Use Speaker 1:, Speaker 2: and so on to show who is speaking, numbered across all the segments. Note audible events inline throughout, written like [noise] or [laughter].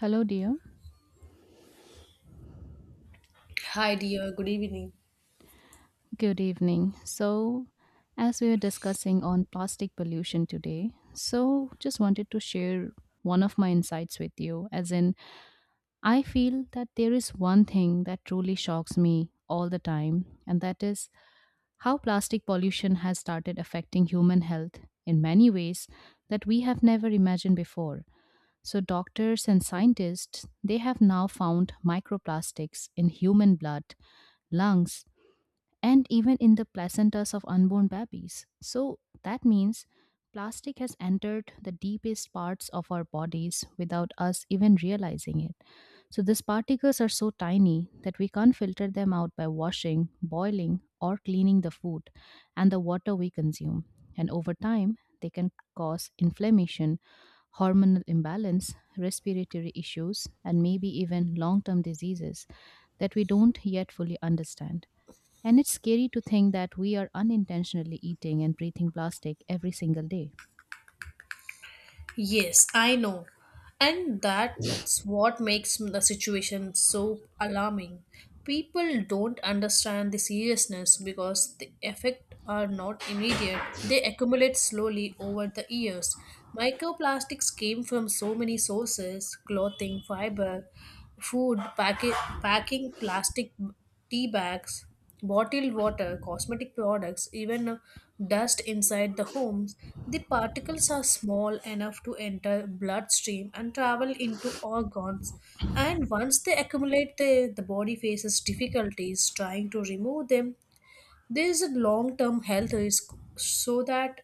Speaker 1: Hello, dear.
Speaker 2: Hi, dear. Good evening.
Speaker 1: Good evening. So, as we are discussing on plastic pollution today, so just wanted to share one of my insights with you. As in, I feel that there is one thing that truly shocks me all the time, and that is how plastic pollution has started affecting human health in many ways that we have never imagined before. So, doctors and scientists, they have now found microplastics in human blood, lungs, and even in the placentas of unborn babies. So that means plastic has entered the deepest parts of our bodies without us even realizing it. So these particles are so tiny that we can't filter them out by washing, boiling, or cleaning the food and the water we consume. And over time, they can cause inflammation, hormonal imbalance, respiratory issues, and maybe even long term diseases that we don't yet fully understand. And it's scary to think that we are unintentionally eating and breathing plastic every single day.
Speaker 2: Yes, I know. And that's what makes the situation so alarming. People don't understand the seriousness because the effects are not immediate, they accumulate slowly over the years. Microplastics came from so many sources clothing, fiber, food, packing, plastic tea bags, bottled water, cosmetic products, even dust inside the homes, the particles are small enough to enter bloodstream and travel into organs. And once they accumulate, the body faces difficulties trying to remove them. There is a long term health risk, so that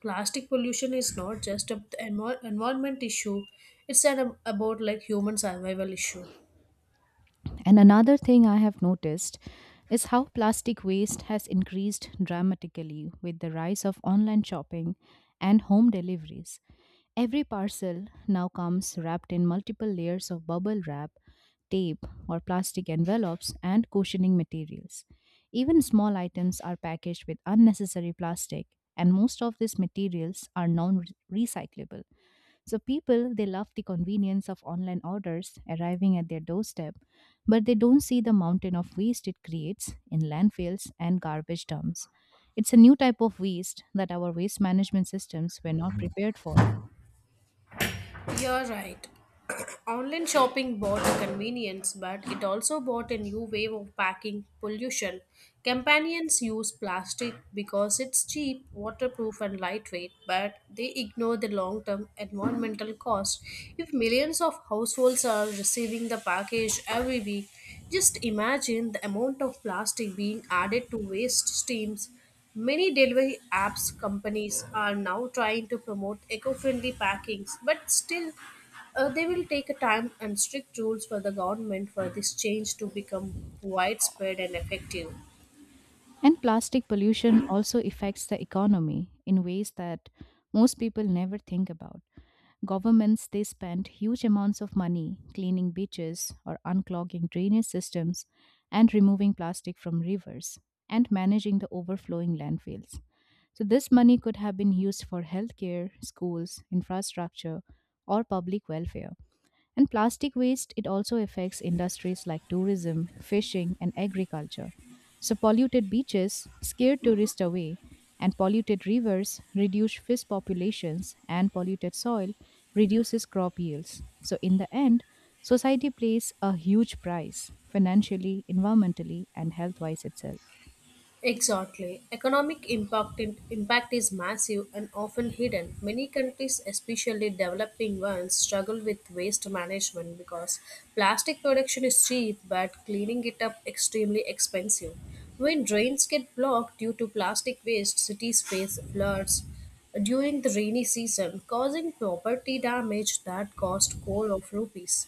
Speaker 2: plastic pollution is not just an environment issue, it's an, about like human survival issue.
Speaker 1: And another thing I have noticed is how plastic waste has increased dramatically with the rise of online shopping and home deliveries. Every parcel now comes wrapped in multiple layers of bubble wrap, tape, or plastic envelopes and cushioning materials. Even small items are packaged with unnecessary plastic, and most of these materials are non recyclable. So people they love the convenience of online orders arriving at their doorstep, but they don't see the mountain of waste it creates in landfills and garbage dumps. It's a new type of waste that our waste management systems were not prepared for.
Speaker 2: You're right. [clears throat] Online shopping bought convenience, but it also bought a new wave of packing pollution. Companions use plastic because it's cheap, waterproof, and lightweight, but they ignore the long term environmental cost. If millions of households are receiving the package every week, just imagine the amount of plastic being added to waste streams. Many delivery apps companies are now trying to promote eco-friendly packings, but still they will take a time and strict rules for the government for this change to become widespread and effective.
Speaker 1: And plastic pollution also affects the economy in ways that most people never think about. Governments they spend huge amounts of money cleaning beaches or unclogging drainage systems and removing plastic from rivers and managing the overflowing landfills. So this money could have been used for healthcare, schools, infrastructure or public welfare. And plastic waste, it also affects industries like tourism, fishing, and agriculture. So, polluted beaches scare tourists away, and polluted rivers reduce fish populations, and polluted soil reduces crop yields. So, in the end, society pays a huge price financially, environmentally, and health wise itself.
Speaker 2: Exactly. Impact is massive and often hidden. Many countries, especially developing ones, struggle with waste management because plastic production is cheap but cleaning it up extremely expensive. When drains get blocked due to plastic waste, cities face floods during the rainy season, causing property damage that cost crore of rupees.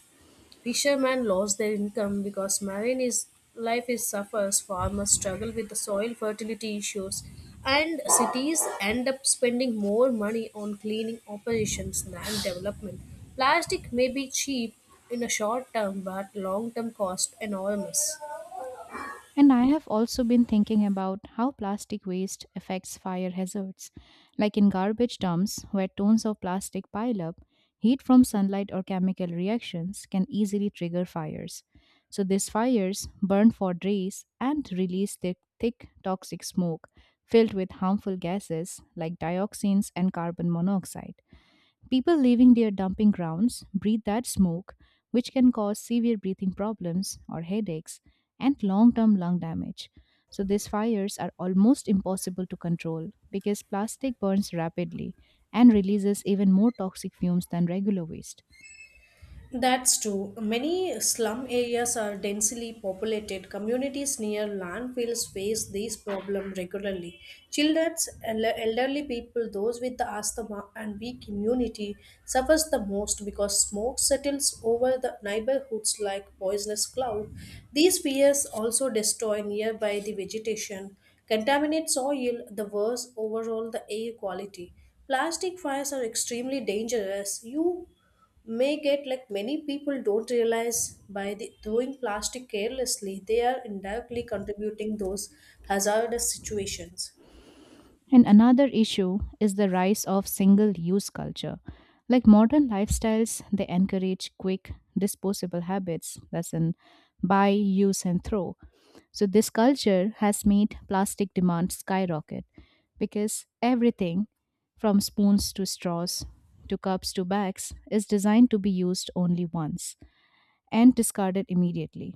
Speaker 2: Fishermen lost their income because life is suffers, farmers struggle with the soil fertility issues, and cities end up spending more money on cleaning operations than development. Plastic may be cheap in a short term, but long term cost enormous.
Speaker 1: And I have also been thinking about how plastic waste affects fire hazards. Like in garbage dumps, where tons of plastic pile up, heat from sunlight or chemical reactions can easily trigger fires. So these fires burn for days and release their thick toxic smoke filled with harmful gases like dioxins and carbon monoxide. People leaving their dumping grounds breathe that smoke, which can cause severe breathing problems or headaches and long term lung damage. So, these fires are almost impossible to control because plastic burns rapidly and releases even more toxic fumes than regular waste.
Speaker 2: That's true. Many slum areas are densely populated. Communities near landfills face this problem regularly. Children, elderly people, those with the asthma and weak immunity suffers the most because smoke settles over the neighborhoods like poisonous cloud. These fires also destroy nearby the vegetation, contaminate soil, the worse overall the air quality. Plastic fires are extremely dangerous. You may get like many people don't realize by the, throwing plastic carelessly they are indirectly contributing those hazardous situations.
Speaker 1: And another issue is the rise of single use culture. Like modern lifestyles, they encourage quick, disposable habits, that's in buy, use, and throw. So, this culture has made plastic demand skyrocket because everything from spoons to straws to cups to bags is designed to be used only once and discarded immediately.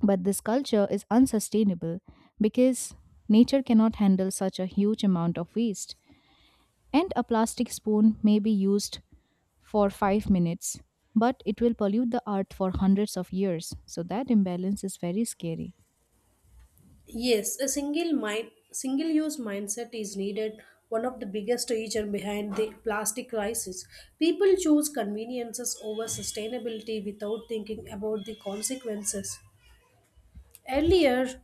Speaker 1: But this culture is unsustainable because nature cannot handle such a huge amount of waste, and a plastic spoon may be used for 5 minutes, but it will pollute the earth for hundreds of years. So that imbalance is very scary.
Speaker 2: Yes, a single use mindset is needed, one of the biggest reason behind the plastic crisis. People choose conveniences over sustainability without thinking about the consequences. Earlier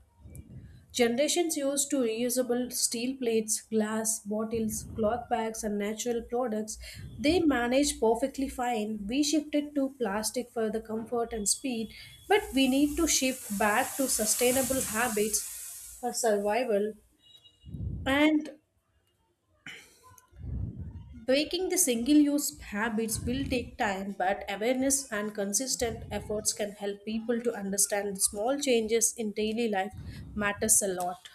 Speaker 2: generations used to reusable steel plates, glass, bottles, cloth bags, and natural products. They managed perfectly fine. We shifted to plastic for the comfort and speed, but we need to shift back to sustainable habits for survival. And breaking the single use habits will take time, but awareness and consistent efforts can help people to understand small changes in daily life matters a lot.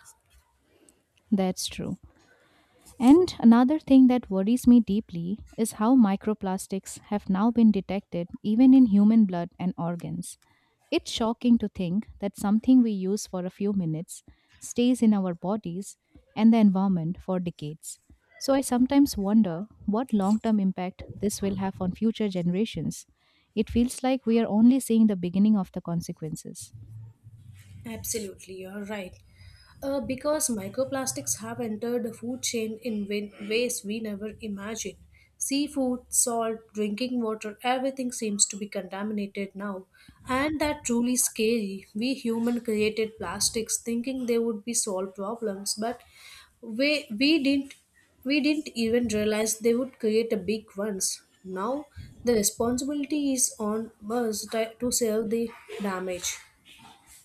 Speaker 1: That's true. And another thing that worries me deeply is how microplastics have now been detected even in human blood and organs. It's shocking to think that something we use for a few minutes stays in our bodies and the environment for decades. So I sometimes wonder what long term impact this will have on future generations. It feels like we are only seeing the beginning of the consequences.
Speaker 2: Absolutely, you're right. Because microplastics have entered the food chain in ways we never imagined. Seafood, salt, drinking water, everything seems to be contaminated now. And that truly scary. We human created plastics thinking they would be solve problems, but we, we didn't we didn't even realize they would create a big ones. Now the responsibility is on us to save the damage.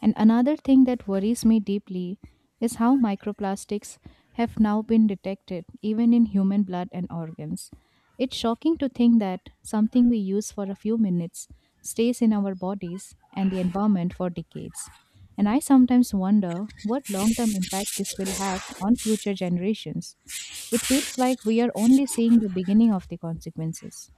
Speaker 1: And another thing that worries me deeply is how microplastics have now been detected, even in human blood and organs. It's shocking to think that something we use for a few minutes stays in our bodies and the environment for decades. And I sometimes wonder what long term impact this will have on future generations. It feels like we are only seeing the beginning of the consequences.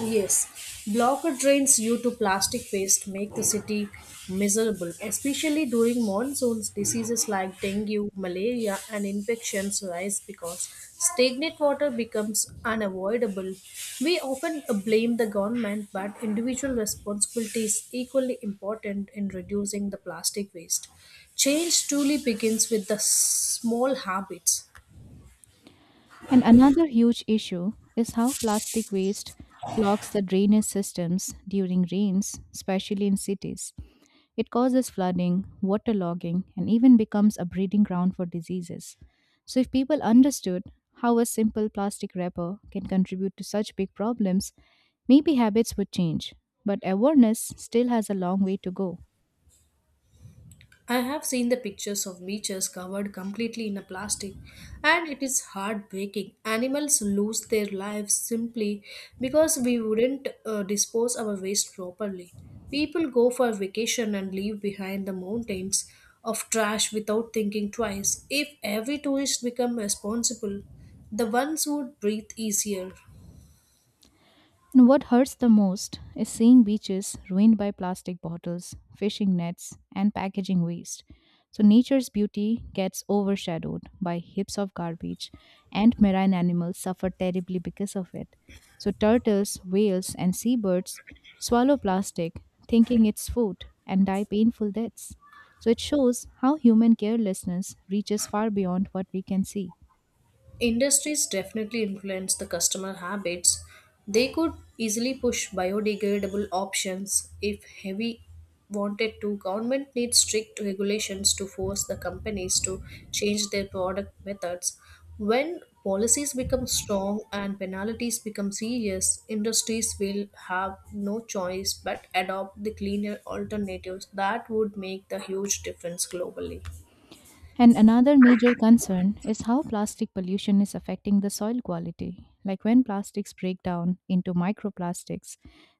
Speaker 2: Yes, blocked drains due to plastic waste make the city miserable, especially during monsoons. Diseases like dengue, malaria, and infections rise because stagnant water becomes unavoidable. We often blame the government, but individual responsibility is equally important in reducing the plastic waste. Change truly begins with the small habits.
Speaker 1: And another huge issue is how plastic waste clogs the drainage systems during rains, especially in cities. It causes flooding, waterlogging, and even becomes a breeding ground for diseases. So, if people understood how a simple plastic wrapper can contribute to such big problems, maybe habits would change. But awareness still has a long way to go.
Speaker 2: I have seen the pictures of beaches covered completely in a plastic, and it is heartbreaking. Animals lose their lives simply because we wouldn't dispose our waste properly. People go for vacation and leave behind the mountains of trash without thinking twice. If every tourist become responsible, the ones would breathe easier.
Speaker 1: And what hurts the most is seeing beaches ruined by plastic bottles, fishing nets, and packaging waste. So nature's beauty gets overshadowed by heaps of garbage, and marine animals suffer terribly because of it. So turtles, whales, and seabirds swallow plastic, thinking it's food, and die painful deaths. So it shows how human carelessness reaches far beyond what we can see.
Speaker 2: Industries definitely influence the customer habits. They could easily push biodegradable options if heavy wanted to. Government needs strict regulations to force the companies to change their product methods. When policies become strong and penalties become serious, industries will have no choice but adopt the cleaner alternatives that would make the huge difference globally.
Speaker 1: And another major concern is how plastic pollution is affecting the soil quality. Like when plastics break down into microplastics,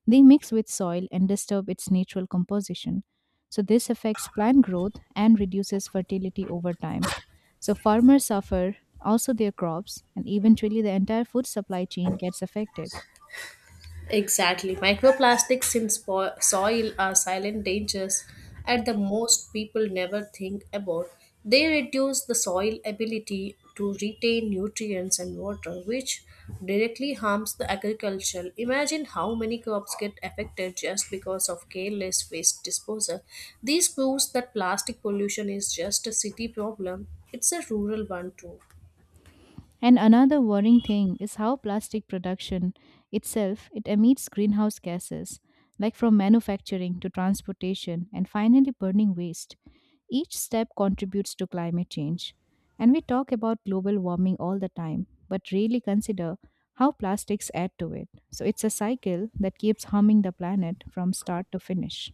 Speaker 1: they mix with soil and disturb its natural composition. So, this affects plant growth and reduces fertility over time. So, farmers suffer, also their crops, and eventually the entire food supply chain gets affected.
Speaker 2: Exactly. Microplastics in soil are silent dangers and the most people never think about. They reduce the soil ability to retain nutrients and water, which directly harms the agriculture. Imagine how many crops get affected just because of careless waste disposal. This proves that plastic pollution is just a city problem. It's a rural one too.
Speaker 1: And another worrying thing is how plastic production itself it emits greenhouse gases like from manufacturing to transportation and finally burning waste. Each step contributes to climate change. And we talk about global warming all the time but rarely consider how plastics add to it. So it's a cycle that keeps harming the planet from start to finish.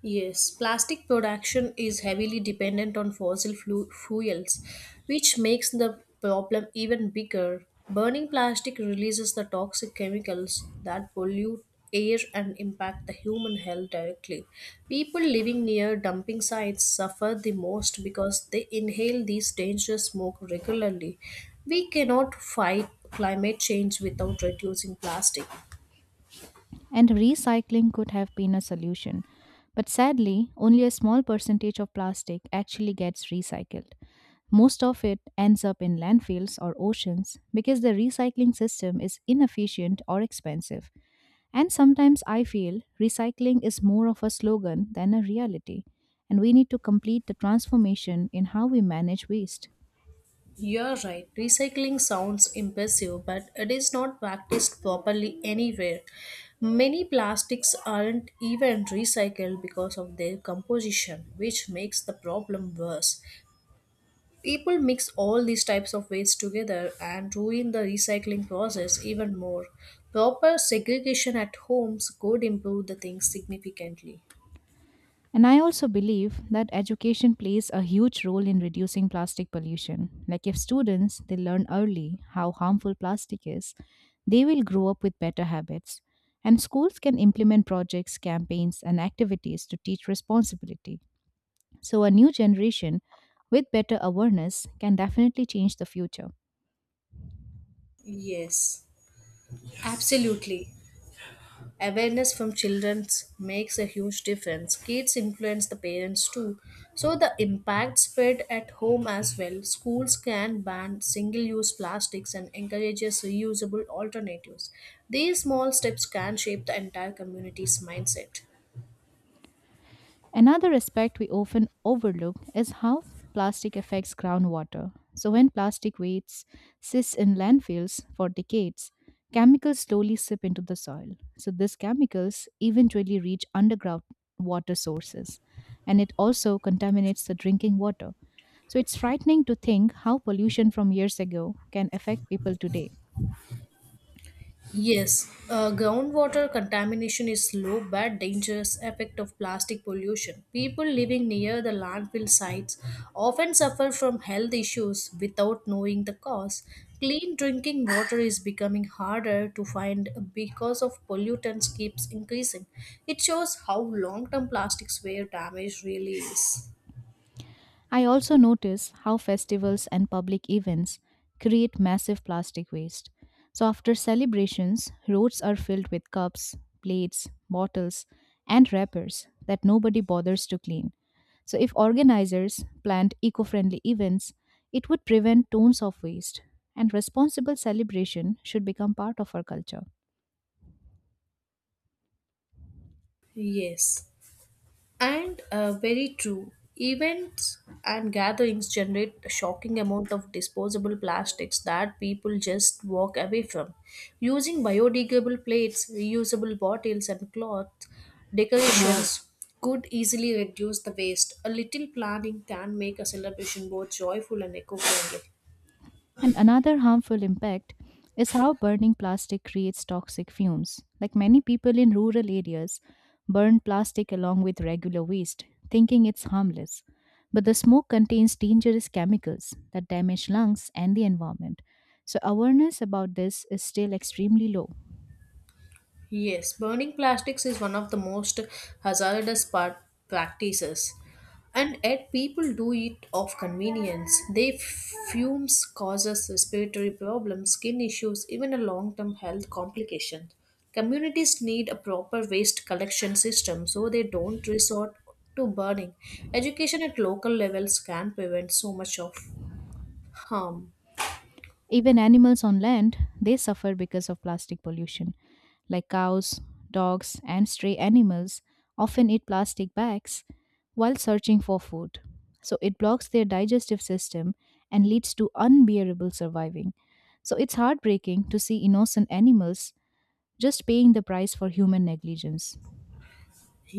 Speaker 2: Yes, plastic production is heavily dependent on fossil fuels, which makes the problem even bigger. Burning plastic releases the toxic chemicals that pollute air and impact the human health directly. People living near dumping sites suffer the most because they inhale these dangerous smoke regularly. We cannot fight climate change without reducing plastic.
Speaker 1: And recycling could have been a solution. But sadly, only a small percentage of plastic actually gets recycled. Most of it ends up in landfills or oceans because the recycling system is inefficient or expensive. And sometimes I feel recycling is more of a slogan than a reality, and we need to complete the transformation in how we manage waste.
Speaker 2: You're right, recycling sounds impressive, but it is not practiced properly anywhere. Many plastics aren't even recycled because of their composition, which makes the problem worse. People mix all these types of waste together and ruin the recycling process even more. Proper segregation at homes could improve the things significantly.
Speaker 1: And I also believe that education plays a huge role in reducing plastic pollution. Like if students they learn early how harmful plastic is, they will grow up with better habits. And schools can implement projects, campaigns and activities to teach responsibility. So a new generation with better awareness can definitely change the future.
Speaker 2: Yes, absolutely. Awareness from children makes a huge difference. Kids influence the parents too, so the impact spread at home as well. Schools can ban single use plastics and encourages reusable alternatives. These small steps can shape the entire community's mindset.
Speaker 1: Another aspect we often overlook is how plastic affects groundwater. So, when plastic waste sits in landfills for decades, chemicals slowly sip into the soil. So, these chemicals eventually reach underground water sources and it also contaminates the drinking water. So, it's frightening to think how pollution from years ago can affect people today.
Speaker 2: Yes, groundwater contamination is slow but dangerous effect of plastic pollution. People living near the landfill sites often suffer from health issues without knowing the cause. Clean drinking water is becoming harder to find because of pollutants keeps increasing. It shows how long-term plastics wear damage really is.
Speaker 1: I also notice how festivals and public events create massive plastic waste. So, after celebrations, roads are filled with cups, plates, bottles, and wrappers that nobody bothers to clean. So, if organizers planned eco friendly events, it would prevent tons of waste, and responsible celebration should become part of our culture.
Speaker 2: Yes. And very true. Events and gatherings generate a shocking amount of disposable plastics that people just walk away from. Using biodegradable plates, reusable bottles, and cloth decorations could easily reduce the waste. A little planning can make a celebration both joyful and eco-friendly.
Speaker 1: And another harmful impact is how burning plastic creates toxic fumes. Like many people in rural areas burn plastic along with regular waste, thinking it's harmless. But the smoke contains dangerous chemicals that damage lungs and the environment. So, awareness about this is still extremely low.
Speaker 2: Yes, burning plastics is one of the most hazardous part practices. And yet people do it of convenience. They fumes causes respiratory problems, skin issues, even a long-term health complication. Communities need a proper waste collection system so they don't resort to burning. Education at local levels can prevent so much of harm.
Speaker 1: Even animals on land, they suffer because of plastic pollution. Like cows, dogs, and stray animals often eat plastic bags while searching for food. So it blocks their digestive system and leads to unbearable surviving. So it's heartbreaking to see innocent animals just paying the price for human negligence.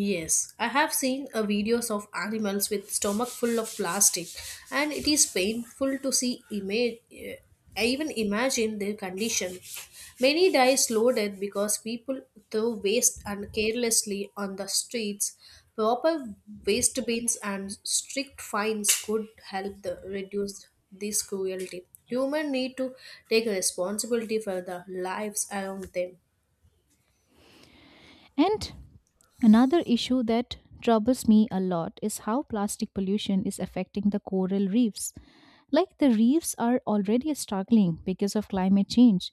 Speaker 2: Yes, I have seen a videos of animals with stomach full of plastic, and it is painful to see. I even imagine their condition. Many die slow death because people throw waste and carelessly on the streets. Proper waste bins and strict fines could help the, reduce this cruelty. Humans need to take responsibility for the lives around them.
Speaker 1: And another issue that troubles me a lot is how plastic pollution is affecting the coral reefs. Like the reefs are already struggling because of climate change,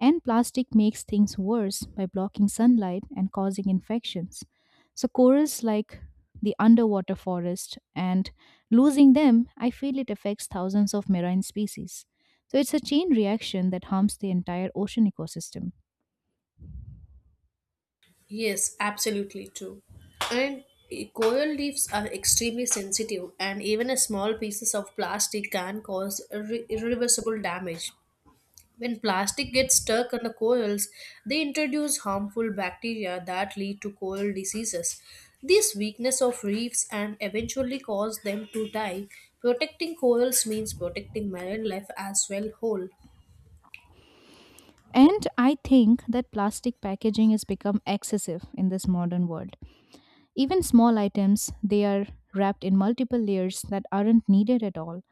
Speaker 1: and plastic makes things worse by blocking sunlight and causing infections. So, corals like the underwater forest and losing them, I feel it affects thousands of marine species. So, it's a chain reaction that harms the entire ocean ecosystem.
Speaker 2: Yes, absolutely true. And coral reefs are extremely sensitive, and even a small pieces of plastic can cause irreversible damage. When plastic gets stuck on the corals, they introduce harmful bacteria that lead to coral diseases. This weakness of reefs and eventually cause them to die. Protecting corals means protecting marine life as well whole.
Speaker 1: And I think that plastic packaging has become excessive in this modern world. Even small items, they are wrapped in multiple layers that aren't needed at all.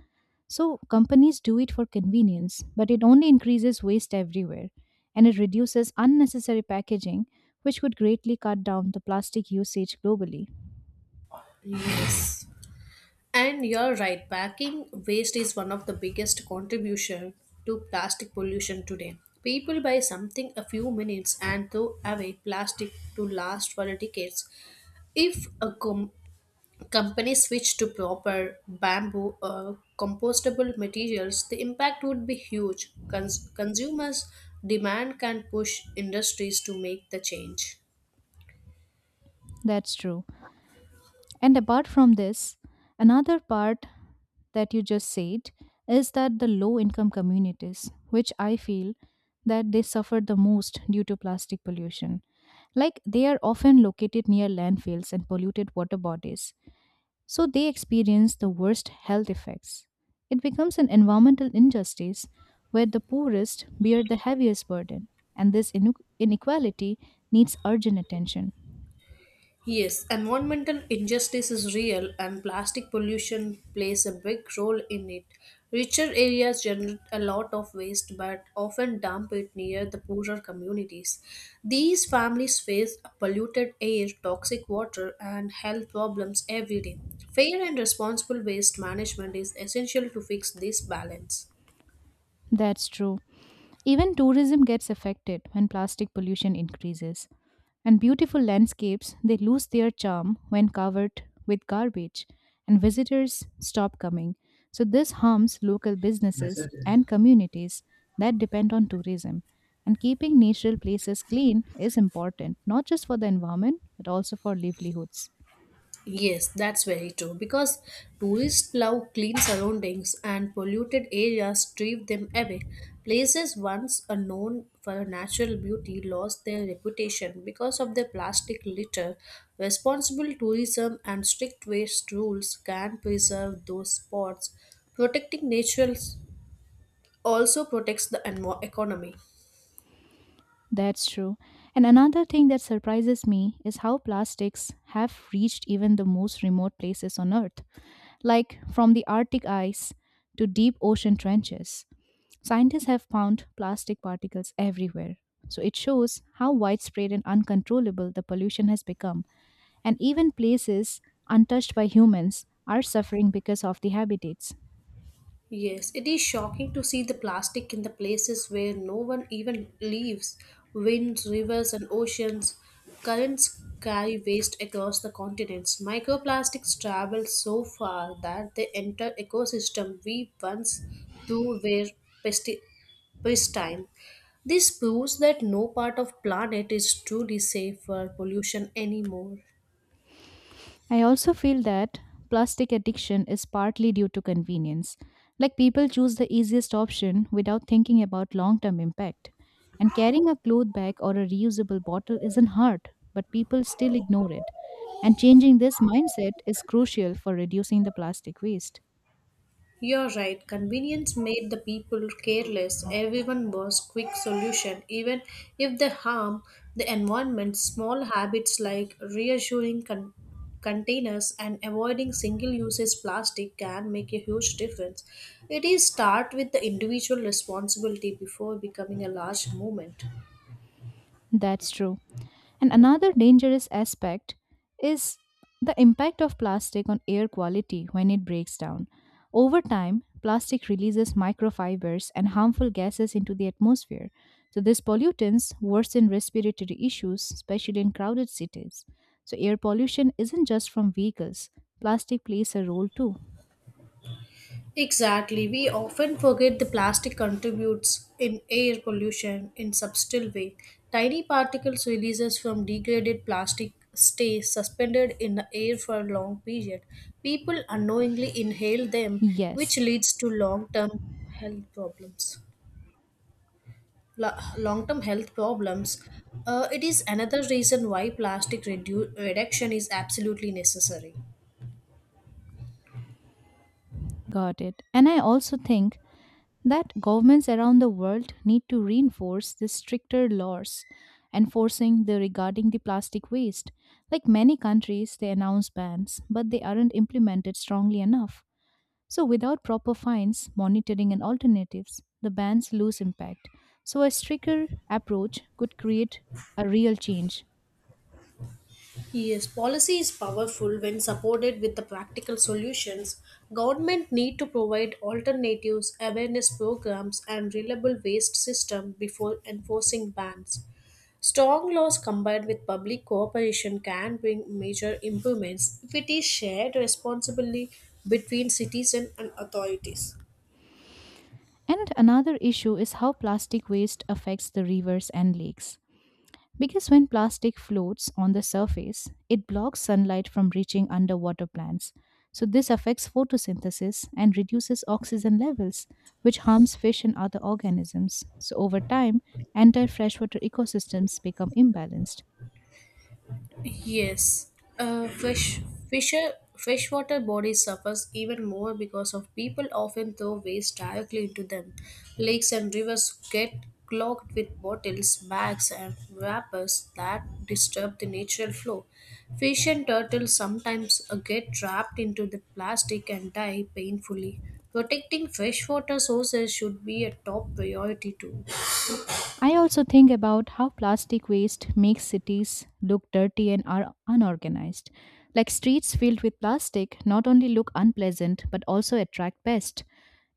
Speaker 1: So companies do it for convenience, but it only increases waste everywhere and it reduces unnecessary packaging, which could greatly cut down the plastic usage globally.
Speaker 2: Yes. And you're right, packing waste is one of the biggest contribution to plastic pollution today. People buy something a few minutes and throw away plastic to last for decades. If a company switched to proper bamboo or compostable materials, the impact would be huge. Consumers demand can push industries to make the change.
Speaker 1: That's true. And apart from this, another part that you just said is that the low income communities, which I feel that they suffer the most due to plastic pollution. Like they are often located near landfills and polluted water bodies, so they experience the worst health effects. It becomes an environmental injustice where the poorest bear the heaviest burden, and this inequality needs urgent attention.
Speaker 2: Yes, environmental injustice is real and plastic pollution plays a big role in it. Richer areas generate a lot of waste but often dump it near the poorer communities. These families face polluted air, toxic water, and health problems every day. Fair and responsible waste management is essential to fix this balance.
Speaker 1: That's true. Even tourism gets affected when plastic pollution increases. And beautiful landscapes, they lose their charm when covered with garbage, and visitors stop coming. So, this harms local businesses and communities that depend on tourism. And keeping natural places clean is important, not just for the environment, but also for livelihoods.
Speaker 2: Yes, that's very true because tourists love clean surroundings and polluted areas drive them away. Places once are known for natural beauty lost their reputation because of their plastic litter. Responsible tourism and strict waste rules can preserve those spots. Protecting nature also protects the economy.
Speaker 1: That's true. And another thing that surprises me is how plastics have reached even the most remote places on Earth. Like from the Arctic ice to deep ocean trenches. Scientists have found plastic particles everywhere. So it shows how widespread and uncontrollable the pollution has become, and even places untouched by humans are suffering because of the habitats.
Speaker 2: Yes, it is shocking to see the plastic in the places where no one even lives. Winds, rivers, and oceans, currents carry waste across the continents. Microplastics travel so far that they enter ecosystem we once through were pesti- pristine. This proves that no part of planet is truly safe for pollution anymore.
Speaker 1: I also feel that plastic addiction is partly due to convenience. Like, people choose the easiest option without thinking about long term impact. And carrying a cloth bag or a reusable bottle isn't hard, but people still ignore it. And changing this mindset is crucial for reducing the plastic waste.
Speaker 2: You're right, convenience made the people careless. Everyone was quick solution, even if they harm the environment. Small habits like reassuring containers and avoiding single-use plastic can make a huge difference. It is start with the individual responsibility before becoming a large movement.
Speaker 1: That's true. And another dangerous aspect is the impact of plastic on air quality when it breaks down. Over time, plastic releases microfibers and harmful gases into the atmosphere. So, these pollutants worsen respiratory issues, especially in crowded cities. So, air pollution isn't just from vehicles, plastic plays a role too.
Speaker 2: Exactly. We often forget the plastic contributes in air pollution in subtle way. Tiny particles releases from degraded plastic stay suspended in the air for a long period. People unknowingly inhale them, which
Speaker 1: Yes,
Speaker 2: leads to long-term health problems. Long-term health problems. It is another reason why plastic reduction is absolutely necessary.
Speaker 1: got it. And I also think that governments around the world need to reinforce the stricter laws enforcing the regarding the plastic waste. Like many countries they announce bans, but they aren't implemented strongly enough. So without proper fines, monitoring and alternatives, the bans lose impact. So a stricter approach could create a real change.
Speaker 2: Yes, policy is powerful when supported with the practical solutions. Government need to provide alternatives, awareness programs, and reliable waste system before enforcing bans. Strong laws combined with public cooperation can bring major improvements if it is shared responsibly between citizen and authorities.
Speaker 1: And another issue is how plastic waste affects the rivers and lakes. Because when plastic floats on the surface, it blocks sunlight from reaching underwater plants. So, this affects photosynthesis and reduces oxygen levels, which harms fish and other organisms. So, over time, entire freshwater ecosystems become imbalanced.
Speaker 2: Yes, uh, fish fisher freshwater bodies suffers even more because of people often throw waste directly into them. Lakes and rivers get clogged with bottles, bags, and wrappers that disturb the natural flow. Fish and turtles sometimes get trapped into the plastic and die painfully. Protecting freshwater sources should be a top priority too.
Speaker 1: I also think about how plastic waste makes cities look dirty and are unorganized. Like, streets filled with plastic not only look unpleasant but also attract pests.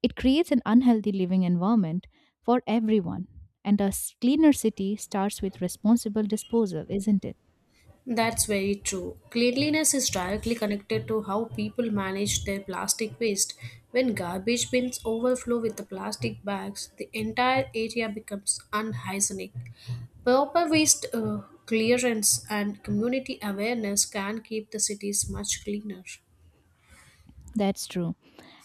Speaker 1: It creates an unhealthy living environment for everyone. And cleaner city starts with responsible disposal, isn't it?
Speaker 2: That's very true. Cleanliness is directly connected to how people manage their plastic waste. When garbage bins overflow with the plastic bags, the entire area becomes unhygienic. Proper waste clearance and community awareness can keep the cities much cleaner.
Speaker 1: That's true.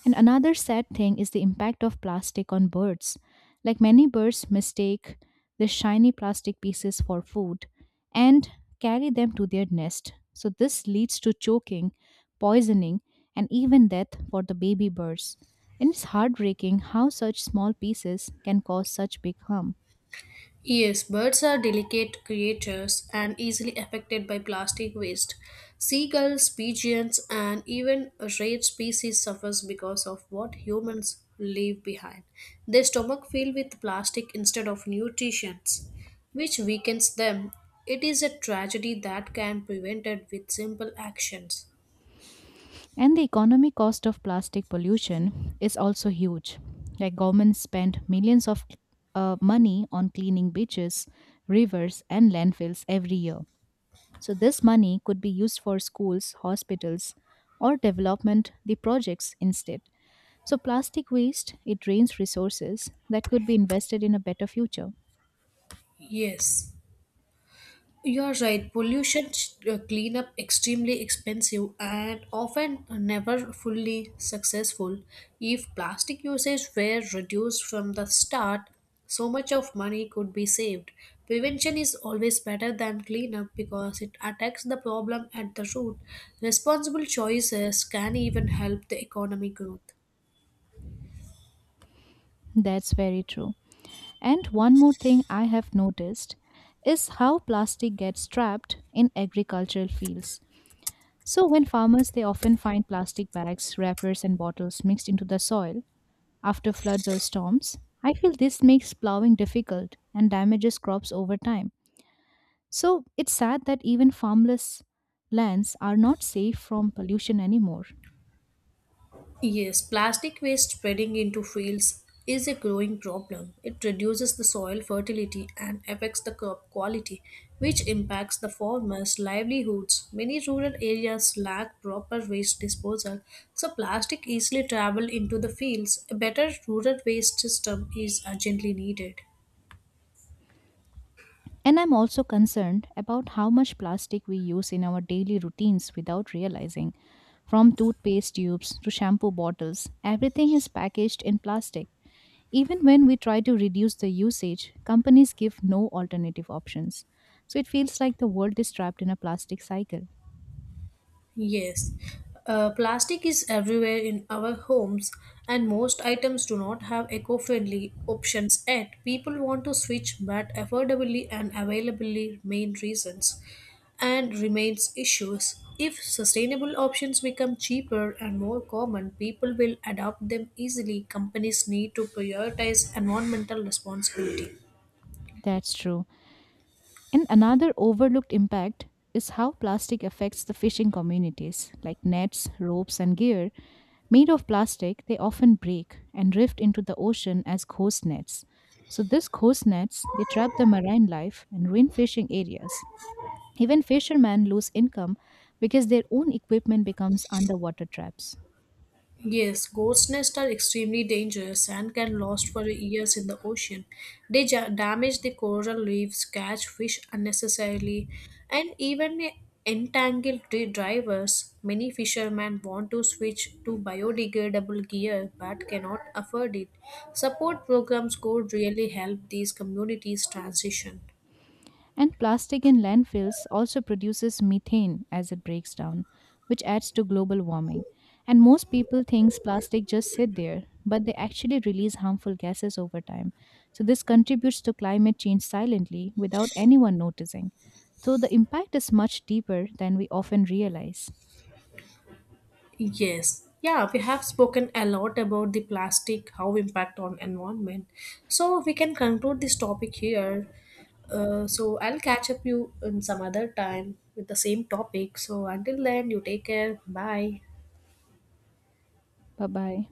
Speaker 1: And another sad thing is the impact of plastic on birds. Like many birds mistake the shiny plastic pieces for food and carry them to their nest. So this leads to choking, poisoning, and even death for the baby birds. And it's heartbreaking how such small pieces can cause such big harm.
Speaker 2: Yes, birds are delicate creatures and easily affected by plastic waste. Seagulls, pigeons, and even a rare species suffers because of what humans leave behind. Their stomach filled with plastic instead of nutrition, which weakens them. It is a tragedy that can be prevented with simple actions.
Speaker 1: And the economic cost of plastic pollution is also huge. Like governments spend millions of money on cleaning beaches, rivers, and landfills every year. So this money could be used for schools, hospitals, or development the projects instead. So plastic waste it drains resources that could be invested in a better future.
Speaker 2: Yes. You're right. Pollution Cleanup extremely expensive and often never fully successful. If plastic usage were reduced from the start, so much of money could be saved. Prevention is always better than cleanup because it attacks the problem at the root. Responsible choices can even help the economic growth.
Speaker 1: That's very true. And one more thing I have noticed is how plastic gets trapped in agricultural fields. So when farmers they often find plastic bags, wrappers and bottles mixed into the soil after floods or storms, I feel this makes plowing difficult and damages crops over time. So it's sad that even farmless lands are not safe from pollution anymore.
Speaker 2: Yes, plastic waste spreading into fields is a growing problem. It reduces the soil fertility and affects the crop quality, which impacts the farmers' livelihoods. Many rural areas lack proper waste disposal, so plastic easily travel into the fields. A better rural waste system is urgently needed.
Speaker 1: And I'm also concerned about how much plastic we use in our daily routines without realizing. From toothpaste tubes to shampoo bottles, everything is packaged in plastic. Even when we try to reduce the usage, companies give no alternative options. So it feels like the world is trapped in a plastic cycle.
Speaker 2: Yes, plastic is everywhere in our homes, and most items do not have eco friendly options yet. People want to switch, but affordability and availability remain reasons and remains issues. If sustainable options become cheaper and more common, people will adopt them easily. Companies need to prioritize environmental responsibility.
Speaker 1: That's true. And another overlooked impact is how plastic affects the fishing communities. Like nets, ropes, and gear made of plastic, they often break and drift into the ocean as ghost nets. So these ghost nets, they trap the marine life and ruin fishing areas. Even fishermen lose income because their own equipment becomes underwater traps.
Speaker 2: Yes, ghost nests are extremely dangerous and can last for years in the ocean. They damage the coral reefs, catch fish unnecessarily, and even entangle the drivers. Many fishermen want to switch to biodegradable gear but cannot afford it. Support programs could really help these communities transition.
Speaker 1: And plastic in landfills also produces methane as it breaks down, which adds to global warming. And most people thinks plastic just sit there, but they actually release harmful gases over time. So this contributes to climate change silently without anyone noticing. So the impact is much deeper than we often realize.
Speaker 2: Yes. Yeah, we have spoken a lot about the plastic, how impact on environment. So we can conclude this topic here. So I'll catch up you in some other time with the same topic. So until then, you take care. Bye.
Speaker 1: Bye bye.